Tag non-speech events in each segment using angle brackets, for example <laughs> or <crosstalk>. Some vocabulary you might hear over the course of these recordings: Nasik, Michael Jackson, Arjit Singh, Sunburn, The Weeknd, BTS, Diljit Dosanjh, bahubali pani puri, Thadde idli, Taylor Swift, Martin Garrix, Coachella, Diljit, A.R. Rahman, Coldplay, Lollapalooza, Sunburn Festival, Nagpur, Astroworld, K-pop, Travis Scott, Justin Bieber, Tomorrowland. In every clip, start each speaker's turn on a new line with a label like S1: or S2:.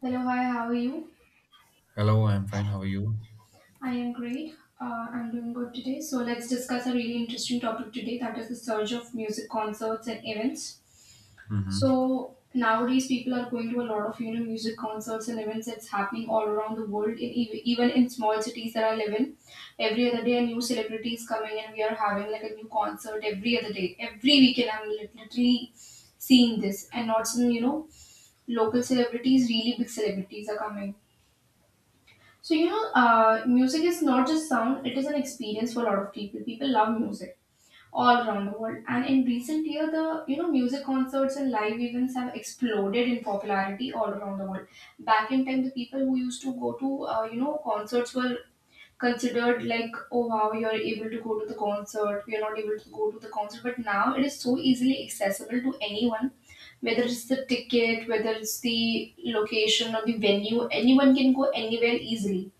S1: Hello, hi, how are you?
S2: Hello, I'm fine. How are you?
S1: I am great. I'm doing good today. So, let's discuss a really interesting topic today that is the surge of music concerts and events.
S2: Mm-hmm.
S1: So, nowadays people are going to a lot of music concerts and events that's happening all around the world even in small cities that I live in. Every other day a new celebrity is coming and we are having like a new concert every other day. Every weekend I'm literally seeing this and not some local celebrities, really big celebrities are coming. So music is not just sound; it is an experience for a lot of people. People love music all around the world, and in recent year, the music concerts and live events have exploded in popularity all around the world. Back in time, the people who used to go to concerts were considered like, oh wow, you're able to go to the concert. We're not able to go to the concert, but now it is so easily accessible to anyone, whether it's the ticket, whether it's the location or the venue. Anyone can go anywhere easily.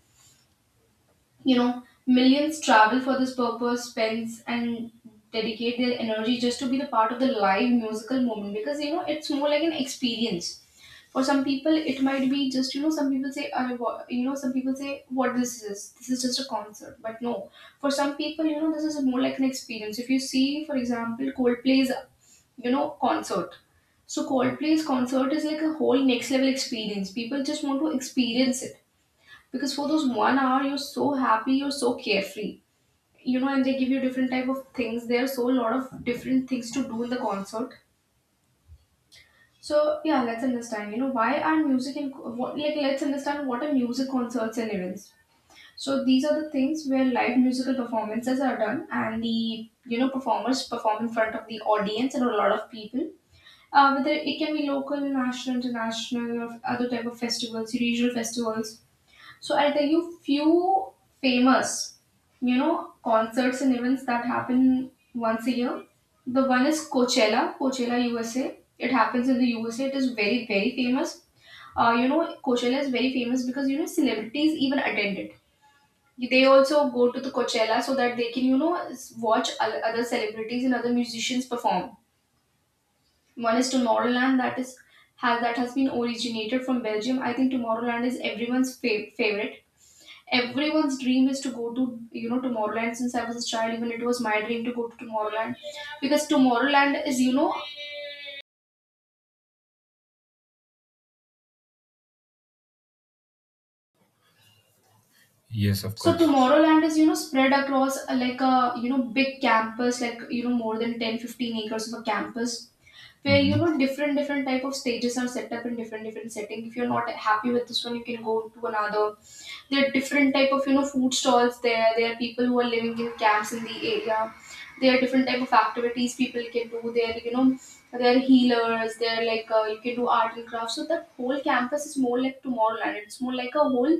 S1: You know, millions travel for this purpose, spends and dedicate their energy just to be the part of the live musical moment because it's more like an experience. For some people, it might be just some people say I wa- you know some people say what this is, this is just a concert, but no. For some people, you know this is more like an experience. If you see, for example, Coldplay's you know concert, so Coldplay's concert is like a whole next level experience. People just want to experience it because for those 1 hour you're so happy, you're so carefree, you know, and they give you different type of things. There are so lot of different things to do in the concert. So yeah, let's understand you know why are music and what like let's understand what are music concerts and events. So these are the things where live musical performances are done and the performers perform in front of the audience and a lot of people, whether it can be local, national, international or other type of festivals, regional festivals. So I'll tell you few famous, you know, concerts and events that happen once a year. The one is Coachella, Coachella USA. It happens in the USA. It is very, very famous. You know, Coachella is very famous because you know celebrities even attend it. They also go to the Coachella so that they can, you know, watch other celebrities and other musicians perform. One is Tomorrowland that has been originated from Belgium. I think Tomorrowland is everyone's favorite. Everyone's dream is to go to Tomorrowland. Since I was a child, even it was my dream to go to Tomorrowland because
S2: Yes, of course.
S1: Tomorrowland is you know spread across like a you know big campus, like you know more than 10 15 acres of a campus where
S2: Mm-hmm.
S1: you know different different type of stages are set up in different different setting. If you're not happy with this one, you can go to another. There are different type of you know food stalls there. There are people who are living in camps in the area. There are different type of activities people can do there, you know. There are healers, there are like, you can do art and craft. So that whole campus is more like Tomorrowland. It's more like a whole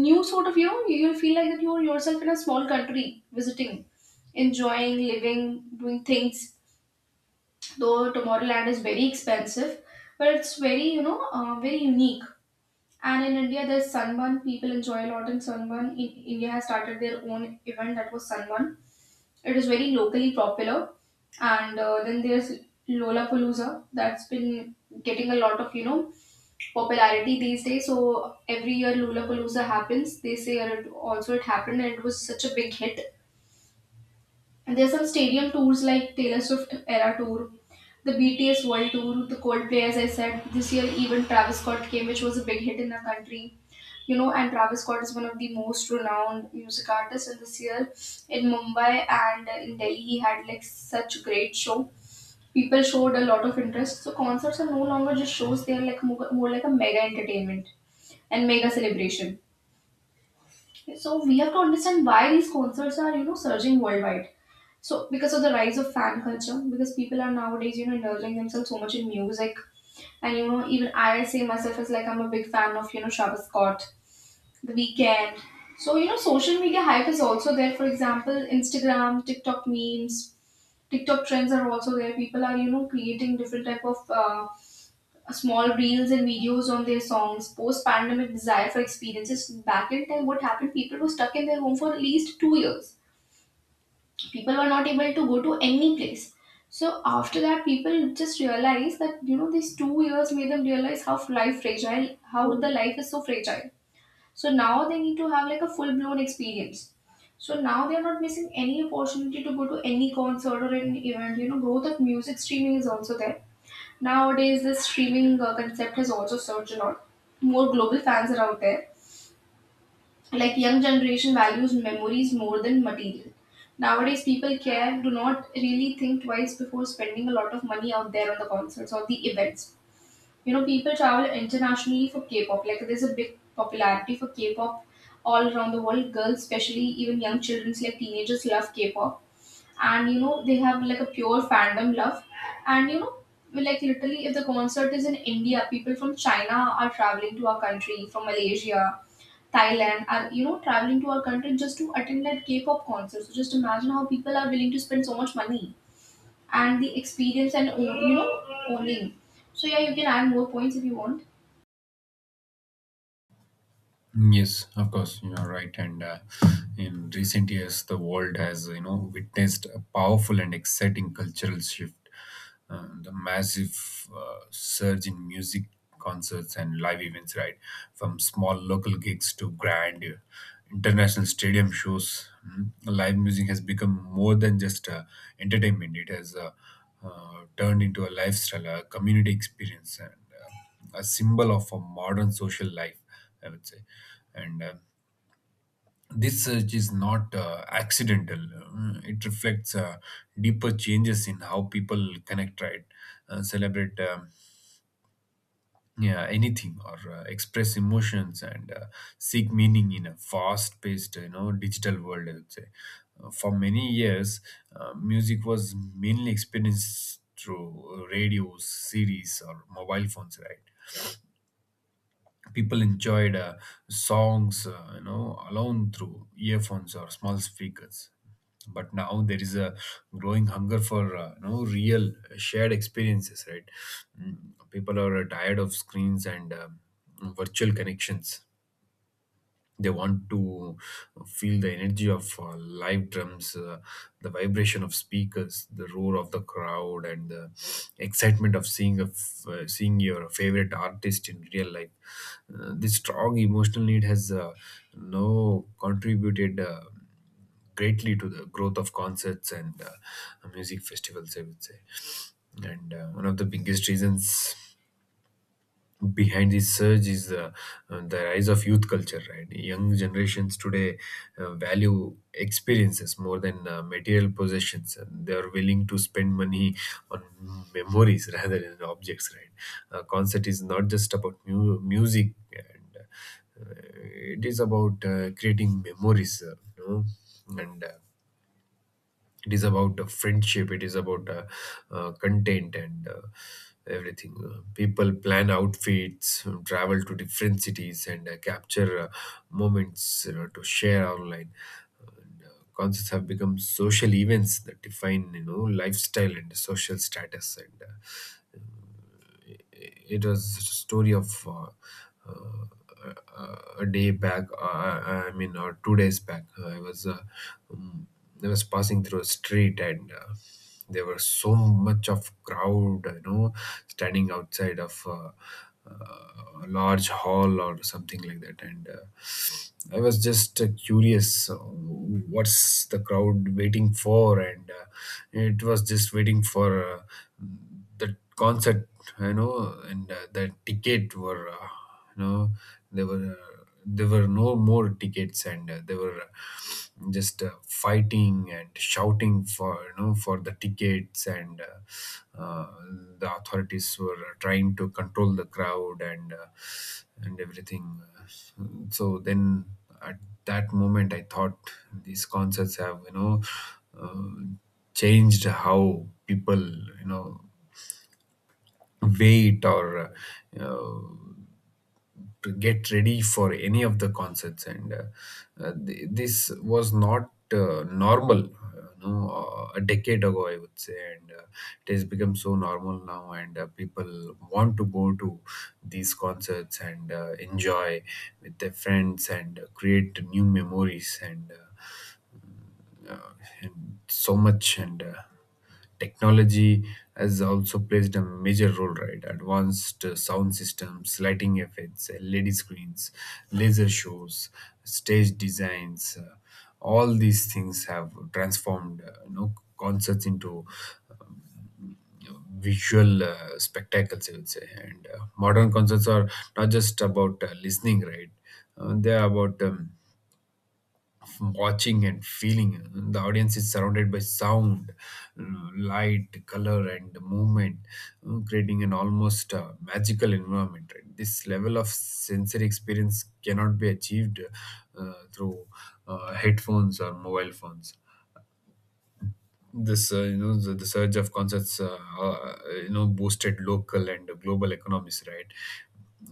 S1: new sort of, you know, you'll feel like that you're yourself in a small country visiting, enjoying, living, doing things. Though Tomorrowland is very expensive, but it's very very unique. And in India, there's Sunburn. People enjoy a lot in Sunburn. In India has started their own event that was Sunburn. It is very locally popular. And then there's Lollapalooza that's been getting a lot of, you know, popularity these days. So every year Lollapalooza happens. They say it happened and it was such a big hit. And there's some stadium tours like Taylor Swift era tour, the BTS World Tour, the Coldplay, as I said. This year, even Travis Scott came, which was a big hit in the country. You know, and Travis Scott is one of the most renowned music artists. And this year, in Mumbai and in Delhi, he had like such great show. People showed a lot of interest. So concerts are no longer just shows; they are like more like a mega entertainment and mega celebration. Okay, so we have to understand why these concerts are, you know, surging worldwide. So because of the rise of fan culture, because people are nowadays, you know, indulging themselves so much in music. And you know, even I say myself as like I'm a big fan of, you know, Travis Scott, The Weeknd. So, you know, social media hype is also there. For example, Instagram, TikTok memes, TikTok trends are also there. People are you know creating different type of small reels and videos on their songs. Post pandemic desire for experiences. Back in time, what happened? People were stuck in their home for at least 2 years. People were not able to go to any place. So after that, people just realized that you know these 2 years made them realize how life fragile, how the life is so fragile. So now they need to have like a full blown experience. So now they're not missing any opportunity to go to any concert or any event. You know, growth of music streaming is also there. Nowadays, the streaming concept has also surged a lot. More global fans are out there. Like young generation values memories more than material. Nowadays, people care, do not really think twice before spending a lot of money out there on the concerts or the events. You know, people travel internationally for K-pop. Like there's a big popularity for K-pop all around the world. Girls, especially even young children, like teenagers, love K-pop and you know they have like a pure fandom love. And you know, like literally if the concert is in India, people from China are traveling to our country. From Malaysia, Thailand are you know traveling to our country just to attend like K-pop concerts. So just imagine how people are willing to spend so much money and the experience and you know owning. So yeah, you can add more points if you want.
S2: Yes, of course. You are right. And In recent years, the world has witnessed a powerful and exciting cultural shift. The massive surge in music concerts and live events, right? From small local gigs to grand international stadium shows, live music has become more than just entertainment. It has turned into a lifestyle, a community experience, and a symbol of a modern social life, I would say. And This search is not accidental. It reflects deeper changes in how people connect, right? Celebrate yeah, anything, or express emotions, and seek meaning in a fast paced, you know, digital world, I would say. For many years, music was mainly experienced through radios, series, or mobile phones, right? People enjoyed songs, alone through earphones or small speakers, but now there is a growing hunger for real shared experiences, right? Mm, People are tired of screens and virtual connections. They want to feel the energy of live drums, the vibration of speakers, the roar of the crowd, and the excitement of seeing your favorite artist in real life. This strong emotional need has no contributed greatly to the growth of concerts and music festivals, I would say. And one of the biggest reasons behind this surge is the rise of youth culture, right? Young generations today value experiences more than material possessions, and they are willing to spend money on memories <laughs> rather than objects, right? Concert is not just about music, and uh, it is about creating memories, and it is about friendship, it is about content and everything. People plan outfits, travel to different cities, and capture moments to share online. And, concerts have become social events that define lifestyle and social status, and it was a story of a day back. I mean, or 2 days back. Um, I was passing through a street. And. There was so much of crowd, you know, standing outside of a large hall or something like that. And I was just curious, what's the crowd waiting for? And it was just waiting for the concert, you know, and the ticket were, you know, there were uh, there were no more tickets, and they were just fighting and shouting for you know for the tickets, and the authorities were trying to control the crowd, and everything. So then, at that moment, I thought these concerts have. Uh, Changed how people you know wait or uh, uh, to get ready for any of the concerts, and this was not normal, no, a decade ago, I would say. And it has become so normal now, and people want to go to these concerts and enjoy with their friends and create new memories uh, and so much. And technology has also played a major role, right? Advanced sound systems, lighting effects, LED screens, laser shows, stage designs. All these things have transformed concerts into visual spectacles, I would say. And modern concerts are not just about listening, right? They are about watching and feeling. The audience is surrounded by sound, light, color, and movement, creating an almost magical environment. Right? This level of sensory experience cannot be achieved through headphones or mobile phones. This the surge of concerts boosted local and global economies, right?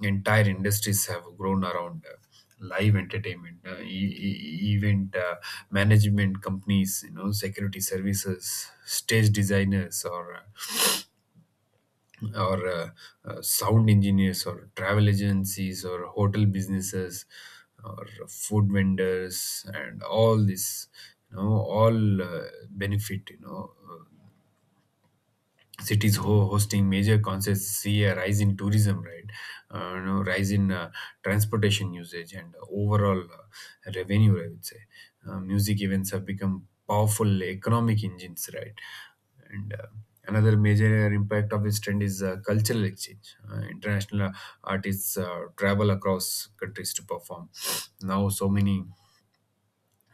S2: Entire industries have grown around live entertainment, event management companies, security services, stage designers, or sound engineers, or travel agencies, or hotel businesses, or food vendors, and all this, all benefit, cities hosting major concerts see a rise in tourism, right? Rise in transportation usage, and overall revenue, I would say. Music events have become powerful economic engines, right? And another major impact of this trend is cultural exchange. International artists travel across countries to perform now. So many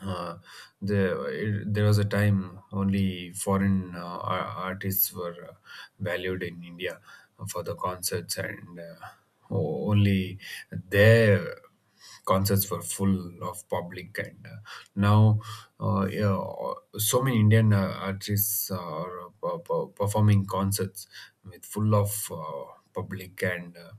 S2: uh, there was a time only foreign artists were valued in India for the concerts, and only their concerts were full of public. And now, yeah, so many Indian artists are performing concerts with full of public. And.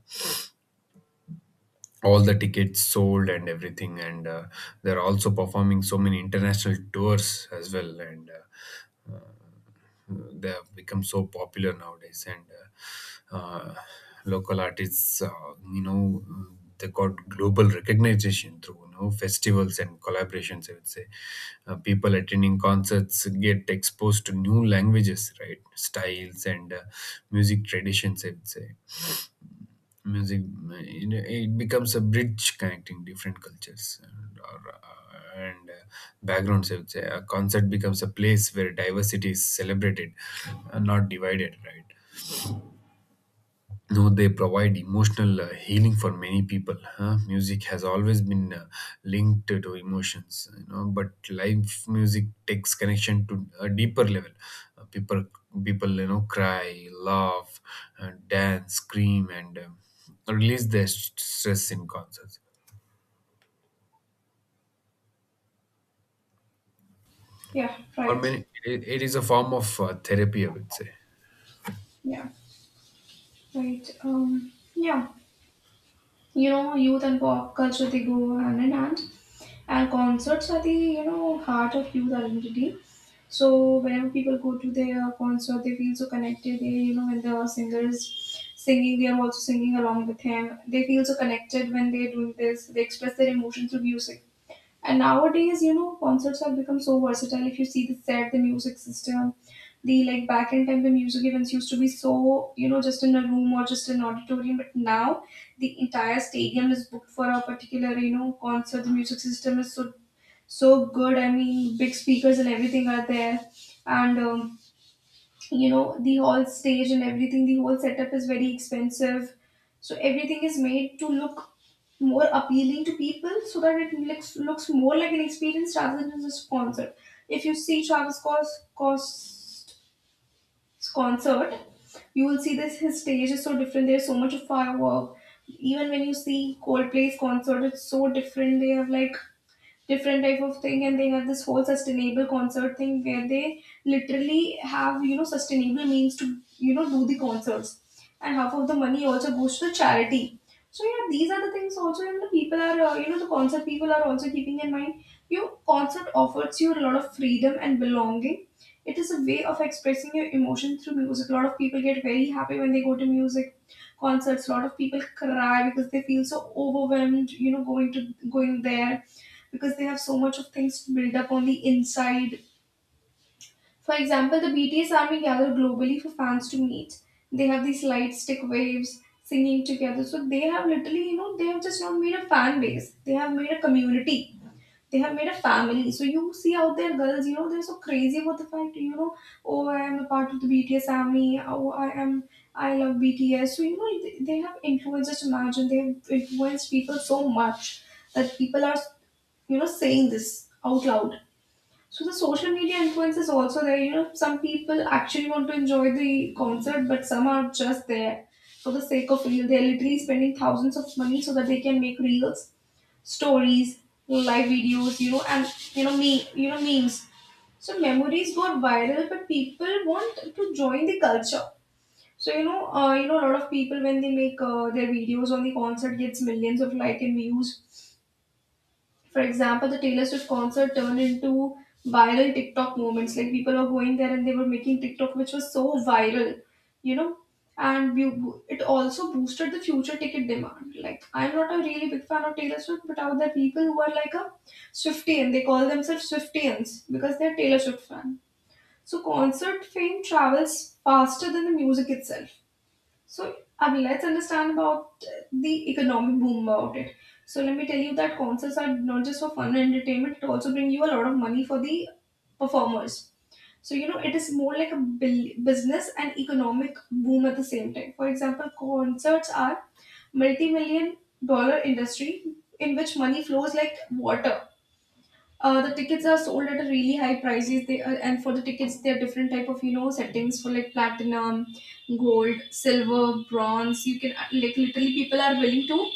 S2: All the tickets sold, and everything, and they're also performing so many international tours as well. And uh, uh, they have become so popular nowadays. And uh, uh, local artists, you know they got global recognition through festivals and collaborations, I would say. People attending concerts get exposed to new languages, right, styles, and music traditions, I would say. Music, it becomes a bridge connecting different cultures and backgrounds, I would say. A concert becomes a place where diversity is celebrated and not divided, right? No, they provide emotional healing for many people. Huh? Music has always been linked to emotions, you know. But live music takes connection to a deeper level. Uh, people, people, you know, cry, laugh, dance, scream, and release their stress in concerts.
S1: Yeah,
S2: For
S1: right.
S2: many, it is a form of therapy, I would say.
S1: Yeah, right. Yeah. You know, youth and pop culture they go hand in hand. And concerts are the, you know, heart of youth identity. So whenever people go to their concert, they feel so connected. They, you know, when the singer is singing, they are also singing along with him. They feel so connected when they're doing this. They express their emotions through music. And nowadays, you know, concerts have become so versatile. If you see the set, the music system, the like back in time, the music events used to be so, you know, just in a room or just an auditorium. But now the entire stadium is booked for a particular, you know, concert. The music system is so good. I mean, big speakers and everything are there. And, you know, the whole stage and everything, the whole setup is very expensive. So everything is made to look more appealing to people so that it looks more like an experience rather than just a concert. If you see Travis Scott's concert, you will see this, his stage is so different. There's so much of firework. Even when you see Coldplay's concert, it's so different. They have like different type of thing and they have this whole sustainable concert thing where they literally have you know sustainable means to you know do the concerts and half of the money also goes to charity. So yeah, these are the things also, and the people are you know, the concert people are also keeping in mind your concert offers you a lot of freedom and belonging. It is a way of expressing your emotion through music. A lot of people get very happy when they go to music concerts. A lot of people cry because they feel so overwhelmed, you know, going there because they have so much of things to build up on the inside. For example, the BTS army gather globally for fans to meet. They have these light stick waves singing together. So they have literally, you know, they have just not made a fan base. They have made a community. They have made a family. So you see out there, girls, you know, they're so crazy about the fact, oh, I am a part of the BTS army. I love BTS. They have influenced, just imagine, they have influenced people so much that people are, you know, saying this out loud. So the social media influence is also there. You know, some people actually want to enjoy the concert, but some are just there for the sake of real. They're literally spending thousands of money so that they can make reels, stories, live videos, you know, and memes. So memories go viral, but people want to join the culture. A lot of people when they make their videos on the concert gets millions of like and views. For example, the Taylor Swift concert turned into viral TikTok moments. Like people were going there and they were making TikTok, which was so viral, you know. And you, it also boosted the future ticket demand. Like I'm not a really big fan of Taylor Swift, but out there people who are like a Swiftian, they call themselves Swiftians because they're Taylor Swift fan. So concert fame travels faster than the music itself. So, Abhi, let's understand about the economic boom about it. So, let me tell you that concerts are not just for fun and entertainment, it also bring you a lot of money for the performers. So, you know, it is more like a business and economic boom at the same time. For example, concerts are multi-million-dollar industry in which money flows like water. The tickets are sold at a really high prices. They are, and for the tickets, there are different type of, you know, settings for like platinum, gold, silver, bronze. You can, like literally,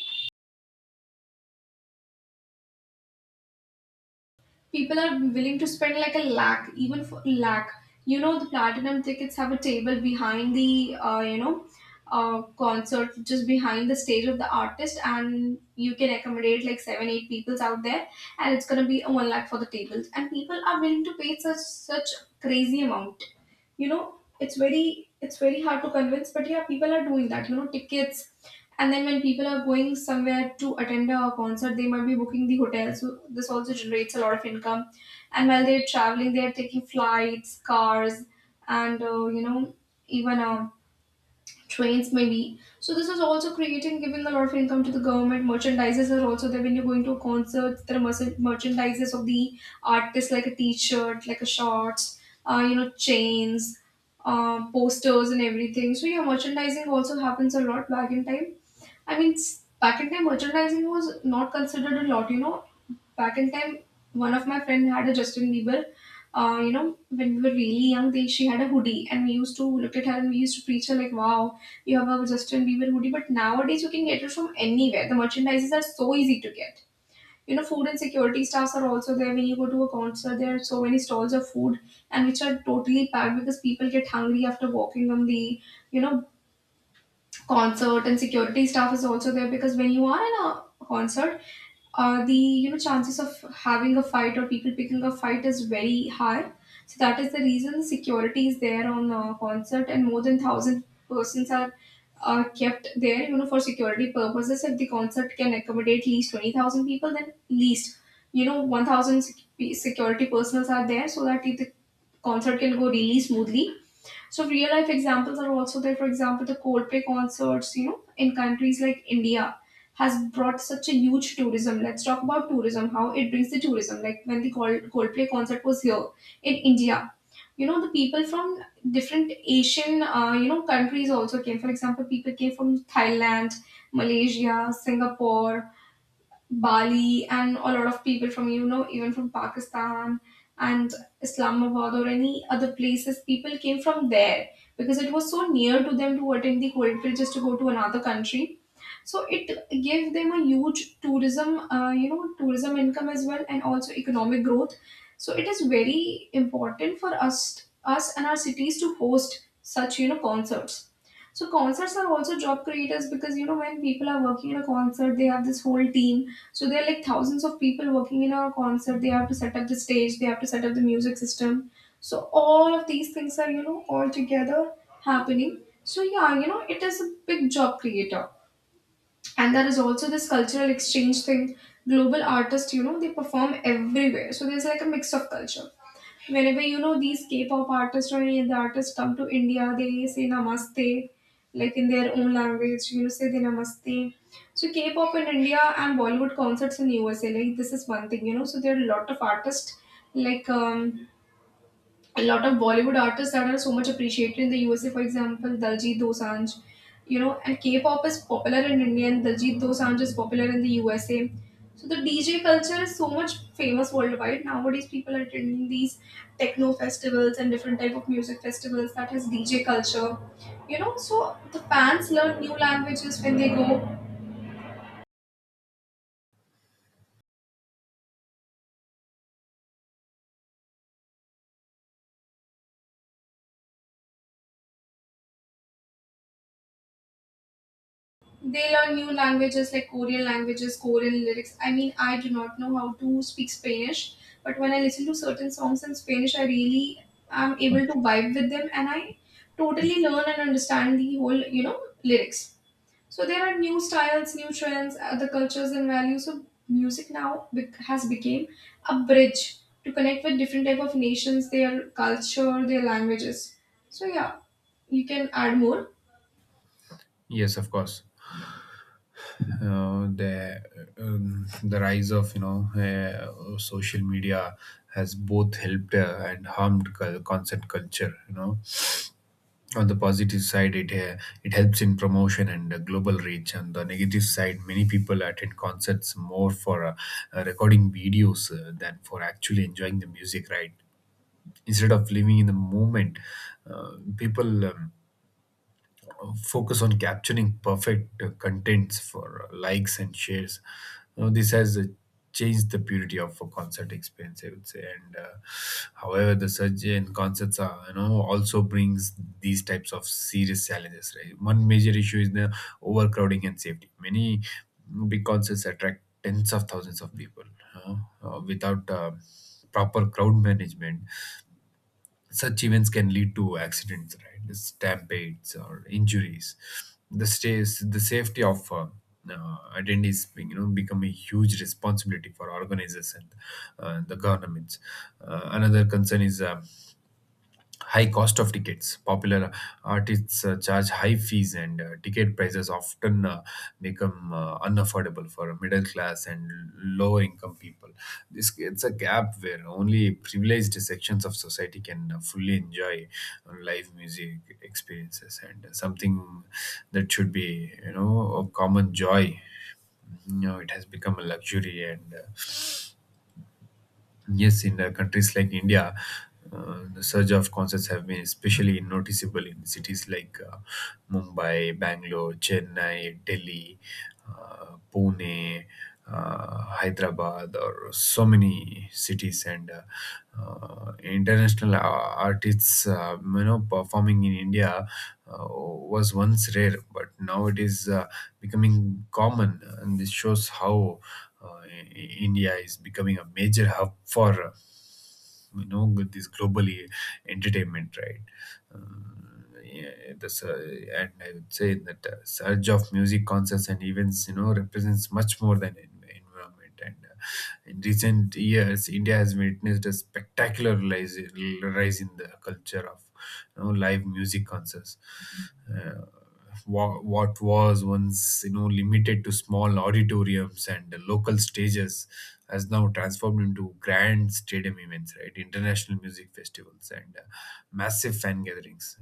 S1: people are willing to spend like a lakh, even for lakh. You know, the platinum tickets have a table behind the, concert, just behind the stage of the artist, and you can accommodate like seven eight peoples out there, and it's gonna be a one lakh for the tables, and people are willing to pay such crazy amount, you know. It's very hard to convince, but yeah, people are doing that, you know, tickets. And then when people are going somewhere to attend a concert, they might be booking the hotel. So this also generates a lot of income. And while they're traveling, they're taking flights, cars, and, you know even trains maybe. So this is also creating, giving a lot of income to the government. Merchandises are also there when you're going to a concert. There are merchandises of the artist like a T-shirt, like a shorts, you know, chains, posters, and everything. So yeah, merchandising also happens a lot back in time. Back in time, merchandising was not considered a lot. You know, back in time, one of my friend had a Justin Bieber. You know, when we were really young, they she had a hoodie, and we used to look at her and we used to preach her like, "Wow, you have a Justin Bieber hoodie." But nowadays, you can get it from anywhere. The merchandises are so easy to get. You know, food and security staffs are also there. When you go to a concert, there are so many stalls of food, and which are totally packed because people get hungry after walking on the, you know, concert. And security staff is also there because when you are in a concert, the, you know, chances of having a fight or people picking a fight is very high. So that is the reason security is there on a concert, and more than 1,000 persons are, kept there, you know, for security purposes. If the concert can accommodate at least 20,000 people, then least, you know, 1,000 security personals are there so that the concert can go really smoothly. So real life examples are also there. For example, the Coldplay concerts, you know, in countries like India, has brought such a huge tourism. Let's talk about tourism, how it brings the tourism. Like when the Coldplay concert was here in India, you know, the people from different Asian, you know, countries also came. For example, people came from Thailand, Malaysia, Singapore, Bali, and a lot of people from, you know, even from Pakistan and Islamabad or any other places, people came from there because it was so near to them to attend the Holy Trail, just to go to another country. So it gave them a huge tourism, tourism income as well, and also economic growth. So it is very important for us and our cities to host such, you know, concerts. So concerts are also job creators because, you know, when people are working in a concert, they have this whole team. So there are like thousands of people working in a concert. They have to set up the stage, they have to set up the music system. So all of these things are, you know, all together happening. So yeah, you know, it is a big job creator, and there is also this cultural exchange thing. Global artists, you know, they perform everywhere. So there's like a mix of culture. Whenever, you know, these K-pop artists or any other artists come to India, they say namaste, like in their own language, you know, say they namaste. So K-pop in India and Bollywood concerts in USA, like this is one thing, you know. So there are a lot of artists, like, a lot of Bollywood artists that are so much appreciated in the USA. For example, Daljit Dosanjh, you know, and K-pop is popular in India and Diljit Dosanjh is popular in the USA. So the DJ culture is so much famous worldwide. Nowadays, people are attending these techno festivals and different type of music festivals that has DJ culture. You know, so the fans learn new languages when they go. They learn new languages like Korean languages, Korean lyrics. I mean, I do not know how to speak Spanish, but when I listen to certain songs in Spanish, I really am able to vibe with them and I totally learn and understand the whole, you know, lyrics. So there are new styles, new trends, other cultures and values. So music now has become a bridge to connect with different type of nations, their culture, their languages. So yeah, you can add more.
S2: Yes, of course. uh, the the rise of social media has both helped and harmed concept culture, you know. On the positive side, it helps in promotion and global reach. On the negative side, many people attend concerts more for recording videos than for actually enjoying the music, right? Instead of living in the moment, uh, people focus on capturing perfect contents for likes and shares. Now, this has changed the purity of a concert experience, I would say. And However, the surge in concerts are, you know, also brings these types of serious challenges, right? One major issue is the overcrowding and safety. Many big concerts attract tens of thousands of people, without proper crowd management. Such events can lead to accidents, right? Stampedes or injuries. The stays, the safety of attendees, you know, become a huge responsibility for organizers and the governments. Another concern is high cost of tickets. Popular artists charge high fees, and ticket prices often become unaffordable for middle class and lower income people. This creates a gap where only privileged sections of society can fully enjoy live music experiences, and something that should be, you know, a common joy. You know, it has become a luxury, and yes, in countries like India, the surge of concerts have been especially noticeable in cities like Mumbai, Bangalore, Chennai, Delhi, Pune, Hyderabad, or so many cities, and international artists, you know, performing in India was once rare, but now it is becoming common, and this shows how India is becoming a major hub for with this globally entertainment, right? Yeah, and I would say that surge of music concerts and events, you know, represents much more than environment. And in recent years, India has witnessed a spectacular rise in the culture of, live music concerts. uh, what was once limited to small auditoriums and local stages has now transformed into grand stadium events, right, international music festivals and massive fan gatherings.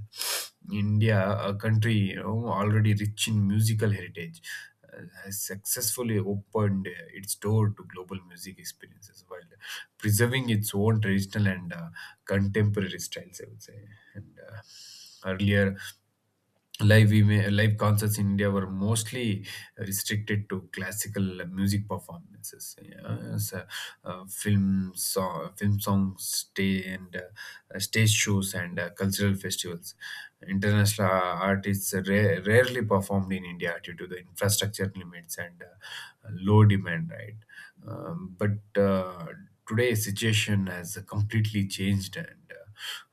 S2: India, a country, already rich in musical heritage, has successfully opened its door to global music experiences while preserving its own traditional and contemporary styles, I would say. And earlier, live concerts in India were mostly restricted to classical music performances. Yeah, so, film songs, stay, and stage shows, and cultural festivals. International artists rarely performed in India due to the infrastructure limits and low demand, right? But today's situation has completely changed. And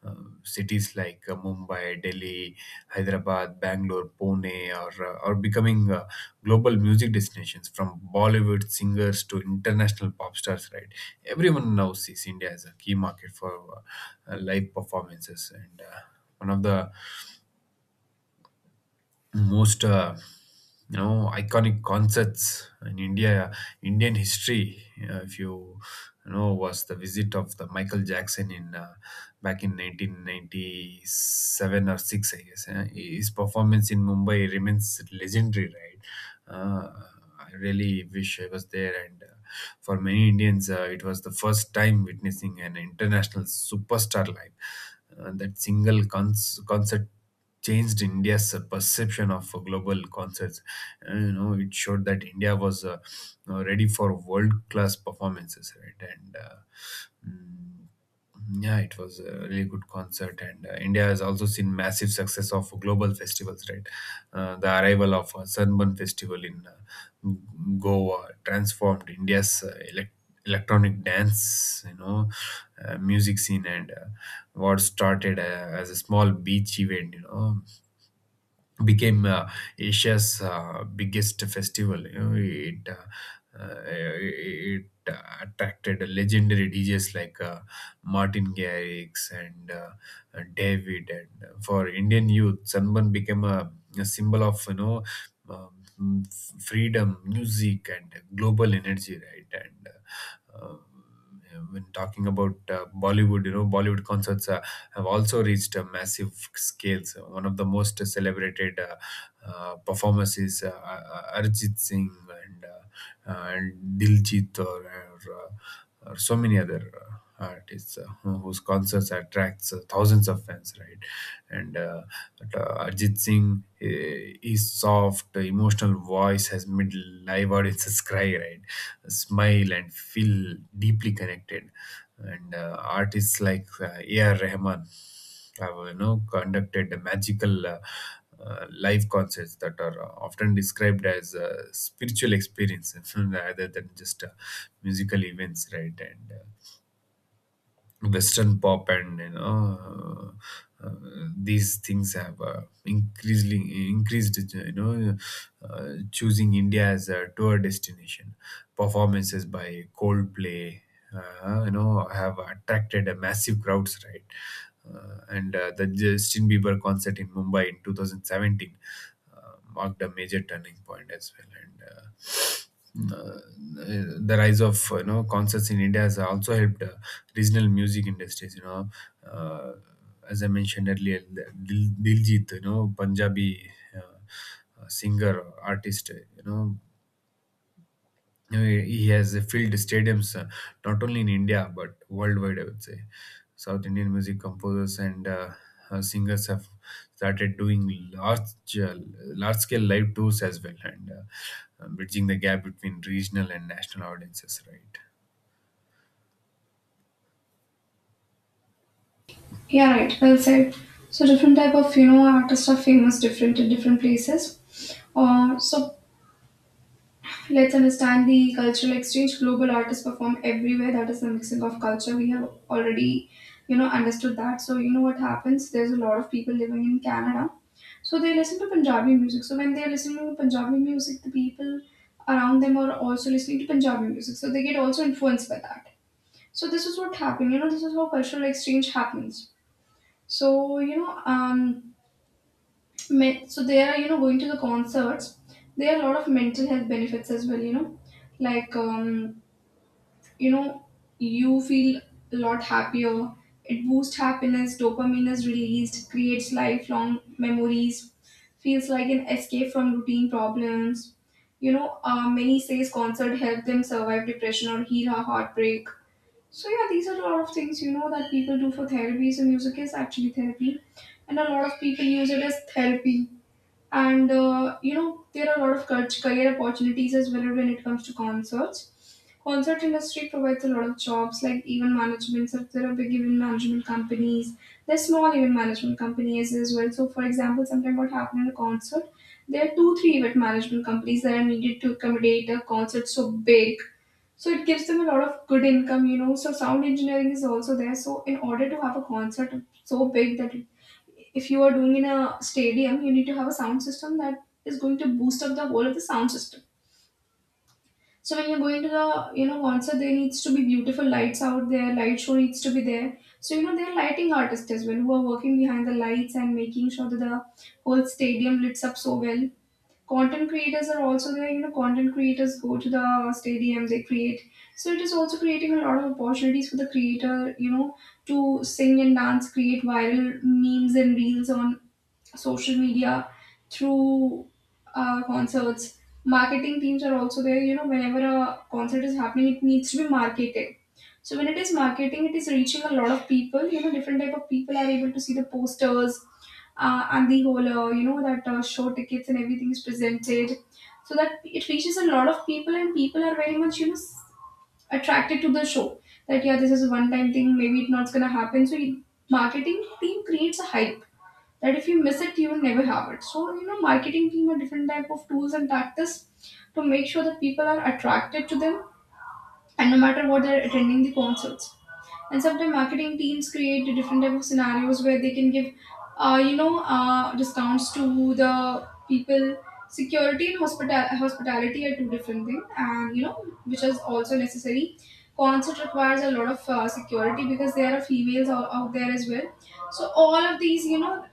S2: uh, uh, cities like Mumbai, Delhi, Hyderabad, Bangalore, Pune are becoming global music destinations. From Bollywood singers to international pop stars, right? Everyone now sees India as a key market for live performances. And one of the most iconic concerts in India Indian history. If you you know was the visit of the Michael Jackson in back in 1997 or six, I guess. His performance in Mumbai remains legendary, right? Uh, I really wish I was there. And. For many Indians, it was the first time witnessing an international superstar live. That single concert changed India's perception of global concerts. And, you know, it showed that India was you know, ready for world-class performances, right? And mm, yeah, it was a really good concert, and India has also seen massive success of global festivals, right? The arrival of Sunburn Festival in Goa transformed India's electronic dance, music scene, and what started as a small beach event, you know, became Asia's biggest festival. You know, it attracted legendary DJs like Martin Garrix and David. And for Indian youth, Sanban became a symbol of... Um, Freedom music and global energy, right? And when talking about bollywood you know bollywood concerts have also reached a massive scales. One of the most celebrated performances, Arjit Singh, and and Diljit, or so many other artists, whose concerts attracts thousands of fans, right? And But, Arjit Singh, his soft, emotional voice has made live audiences <laughs> cry, right? Smile and feel deeply connected. And artists like A.R. Rahman have conducted the magical live concerts that are often described as spiritual experiences <laughs> rather than just musical events, right? And Western pop, and uh, uh, these things have increasingly increased, choosing India as a tour destination. Performances by Coldplay have attracted a massive crowds, right. And The Justin Bieber concert in Mumbai in 2017 uh, marked a major turning point as well. And uh, the rise of concerts in India has also helped regional music industries. You know, uh, as I mentioned earlier, Diljit, you know, Punjabi singer artist, he has filled stadiums not only in India but worldwide, I would say. South Indian music composers and singers have started doing large scale live tours as well, and bridging the gap between regional and national audiences, right?
S1: Yeah, right. Well said. So different type of, you know, artists are famous different in different places. So let's understand the cultural exchange. Global artists perform everywhere. That is the mixing of culture. We have already, you know, understood that. So you know what happens. There's a lot of people living in Canada. So they listen to Punjabi music. So when they listen to Punjabi music, the people around them are also listening to Punjabi music. So they get also influenced by that. So this is what happened. You know, this is how cultural exchange happens. So you know, men, so they are, you know, going to the concerts. There are a lot of mental health benefits as well. You know, like, you know, you feel a lot happier. It boosts happiness. Dopamine is released. Creates lifelong memories. Feels like an escape from routine problems. You know, many says concert help them survive depression or heal a heartbreak. So yeah, these are a lot of things, you know, that people do for therapy. So music is actually therapy, and a lot of people use it as therapy. And you know, there are a lot of career opportunities as well when it comes to concerts. Concert industry provides a lot of jobs, like even management. So if there are big event management companies. There's small event management companies as well. So for example, sometimes what happened at a concert, there are two, three event management companies that are needed to accommodate a concert so big, so it gives them a lot of good income, you know. So sound engineering is also there. So in order to have a concert so big that it, if you are doing in a stadium, you need to have a sound system that is going to boost up the whole of the sound system. So when you're going to the, you know, concert, there needs to be beautiful lights out there. Light show needs to be there. So you know there are lighting artists as well who are working behind the lights and making sure that the whole stadium lights up so well. Content creators are also there, you know, content creators go to the stadium, they create. So it is also creating a lot of opportunities for the creator, you know, to sing and dance, create viral memes and reels on social media, through concerts. Marketing teams are also there. You know, whenever a concert is happening, it needs to be marketed. So when it is marketing, it is reaching a lot of people. You know, different type of people are able to see the posters and the whole, you know, that show tickets and everything is presented, so that it reaches a lot of people and people are very much, you know, attracted to the show. That, yeah, this is a one-time thing. Maybe it's not gonna happen. So marketing team creates a hype that if you miss it you will never have it, so you know marketing team are different type of tools and tactics to make sure that people are attracted to them, and no matter what they're attending the concerts. And sometimes marketing teams create the different type of scenarios where they can give you know discounts to the people. Security and hospitality are two different things, and you know, which is also necessary. Concert requires a lot of security because there are females out there as well, so all of these, you know.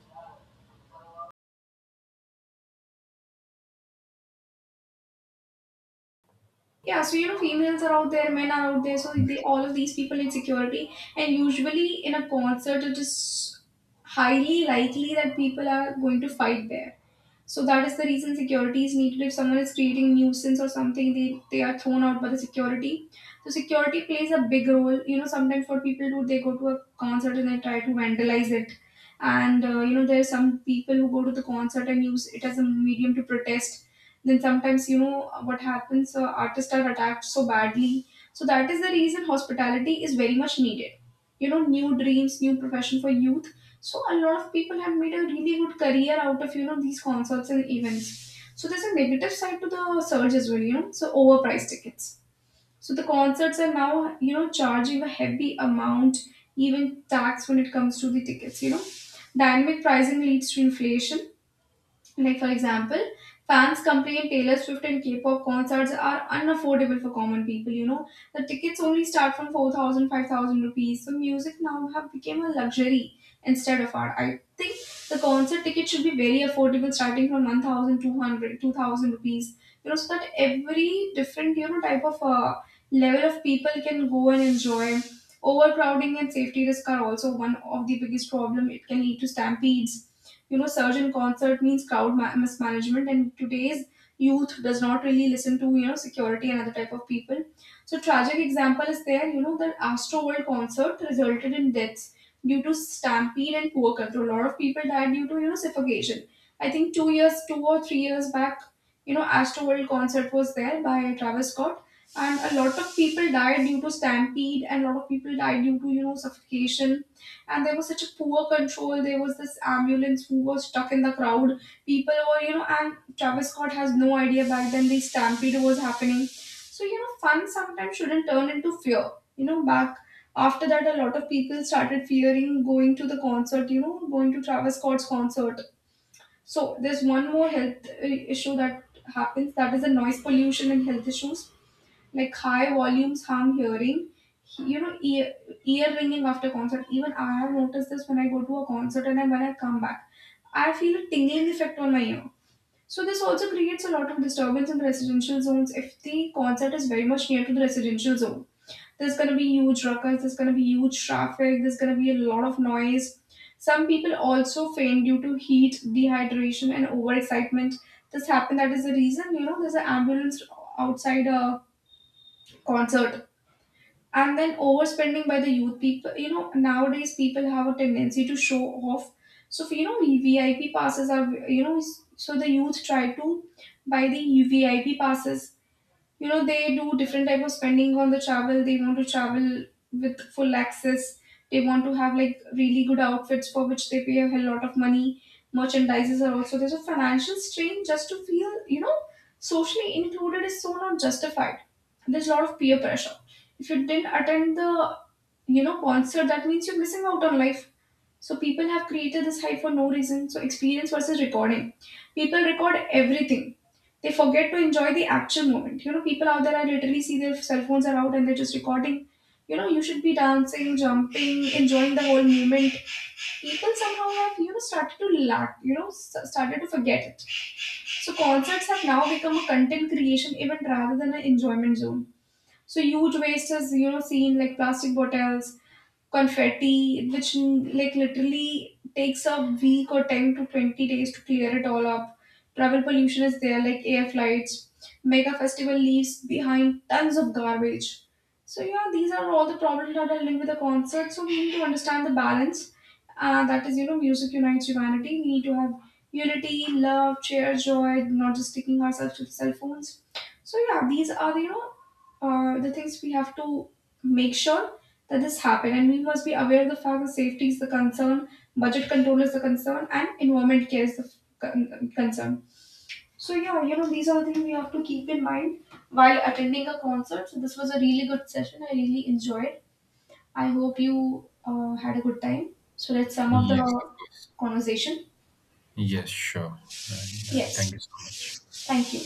S1: Yeah, so you know, females are out there, men are out there, so they, all of these people in security, and usually in a concert, it is highly likely that people are going to fight there. So that is the reason security is needed. If someone is creating nuisance or something, they are thrown out by the security. So security plays a big role. You know, sometimes what people do, they go to a concert and they try to vandalize it. And you know, there are some people who go to the concert and use it as a medium to protest. Then sometimes you know what happens. Artists are attacked so badly. So that is the reason hospitality is very much needed. You know, new dreams, new profession for youth, so a lot of people have made a really good career out of, you know, these concerts and events. So there's a negative side to the surge as well, you know. So overpriced tickets. So the concerts are now, you know, charging a heavy amount, even tax when it comes to the tickets. You know, dynamic pricing leads to inflation, like, for example, fans complain Taylor Swift and K pop concerts are unaffordable for common people. You know, the tickets only start from 4,000 5,000 rupees. So, music now have become a luxury instead of art. I think the concert ticket should be very affordable, starting from 1,200 2,000 rupees. You know, so that every different, you know, type of level of people can go and enjoy. Overcrowding and safety risk are also one of the biggest problem. It can lead to stampedes. You know, surge in concert means crowd mismanagement, and today's youth does not really listen to, you know, security and other type of people. So tragic example is there, you know, the astro world concert resulted in deaths due to stampede and poor control. A lot of people died due to, you know, suffocation. I think 2 years, 2 or 3 years back, you know, astro world concert was there by Travis Scott, and a lot of people died due to stampede, and a lot of people died due to, you know, suffocation. And there was such a poor control, there was this ambulance who was stuck in the crowd. People were, you know, and Travis Scott has no idea back then the stampede was happening. So you know, fun sometimes shouldn't turn into fear. You know, back after that, a lot of people started fearing going to the concert, you know, going to Travis Scott's concert. So there's one more health issue that happens, that is the noise pollution and health issues, like high volumes harm hearing, you know, ear ringing after concert. Even I have noticed this, when I go to a concert and then when I come back, I feel a tingling effect on my ear. So this also creates a lot of disturbance in residential zones. If the concert is very much near to the residential zone, there's going to be huge ruckus, there's going to be huge traffic, there's going to be a lot of noise. Some people also faint due to heat, dehydration and overexcitement. This happened, that is the reason, you know, there's an ambulance outside a concert. And then overspending by the youth people, you know, nowadays people have a tendency to show off. So you know, VIP passes are, you know, so the youth try to buy the VIP passes, you know, they do different type of spending on the travel, they want to travel with full access, they want to have like really good outfits for which they pay a hell lot of money. Merchandises are also, there's a financial strain just to feel, you know, socially included, is so not justified. There's a lot of peer pressure. If you didn't attend the, you know, concert, that means you're missing out on life. So people have created this hype for no reason. So experience versus recording. People record everything. They forget to enjoy the actual moment. You know, people out there, I literally see their cell phones are out and they're just recording. You know, you should be dancing, jumping, enjoying the whole moment. People somehow have, you know, started to lack, you know, started to forget it. So concerts have now become a content creation event rather than an enjoyment zone. So huge waste is, you know, seen, like plastic bottles, confetti, which, like literally takes a week or 10 to 20 days to clear it all up. Travel pollution is there, like air flights. Mega festival leaves behind tons of garbage. So yeah, these are all the problems that are linked with the concert. So we need to understand the balance. That is, you know, music unites humanity. We need to have unity, love, cheer, joy, not just sticking ourselves to the cell phones. So yeah, these are the, you know, are the things we have to make sure that this happen, and we must be aware of the fact that safety is the concern, budget control is the concern, and environment care is the concern. So yeah, you know, these are the things we have to keep in mind while attending a concert. So this was a really good session, I really enjoyed. I hope you had a good time. So let's sum up the
S2: Yes, of course.
S1: conversation.
S2: Yes, sure. And thank
S1: Yes,
S2: you so much.
S1: thank you.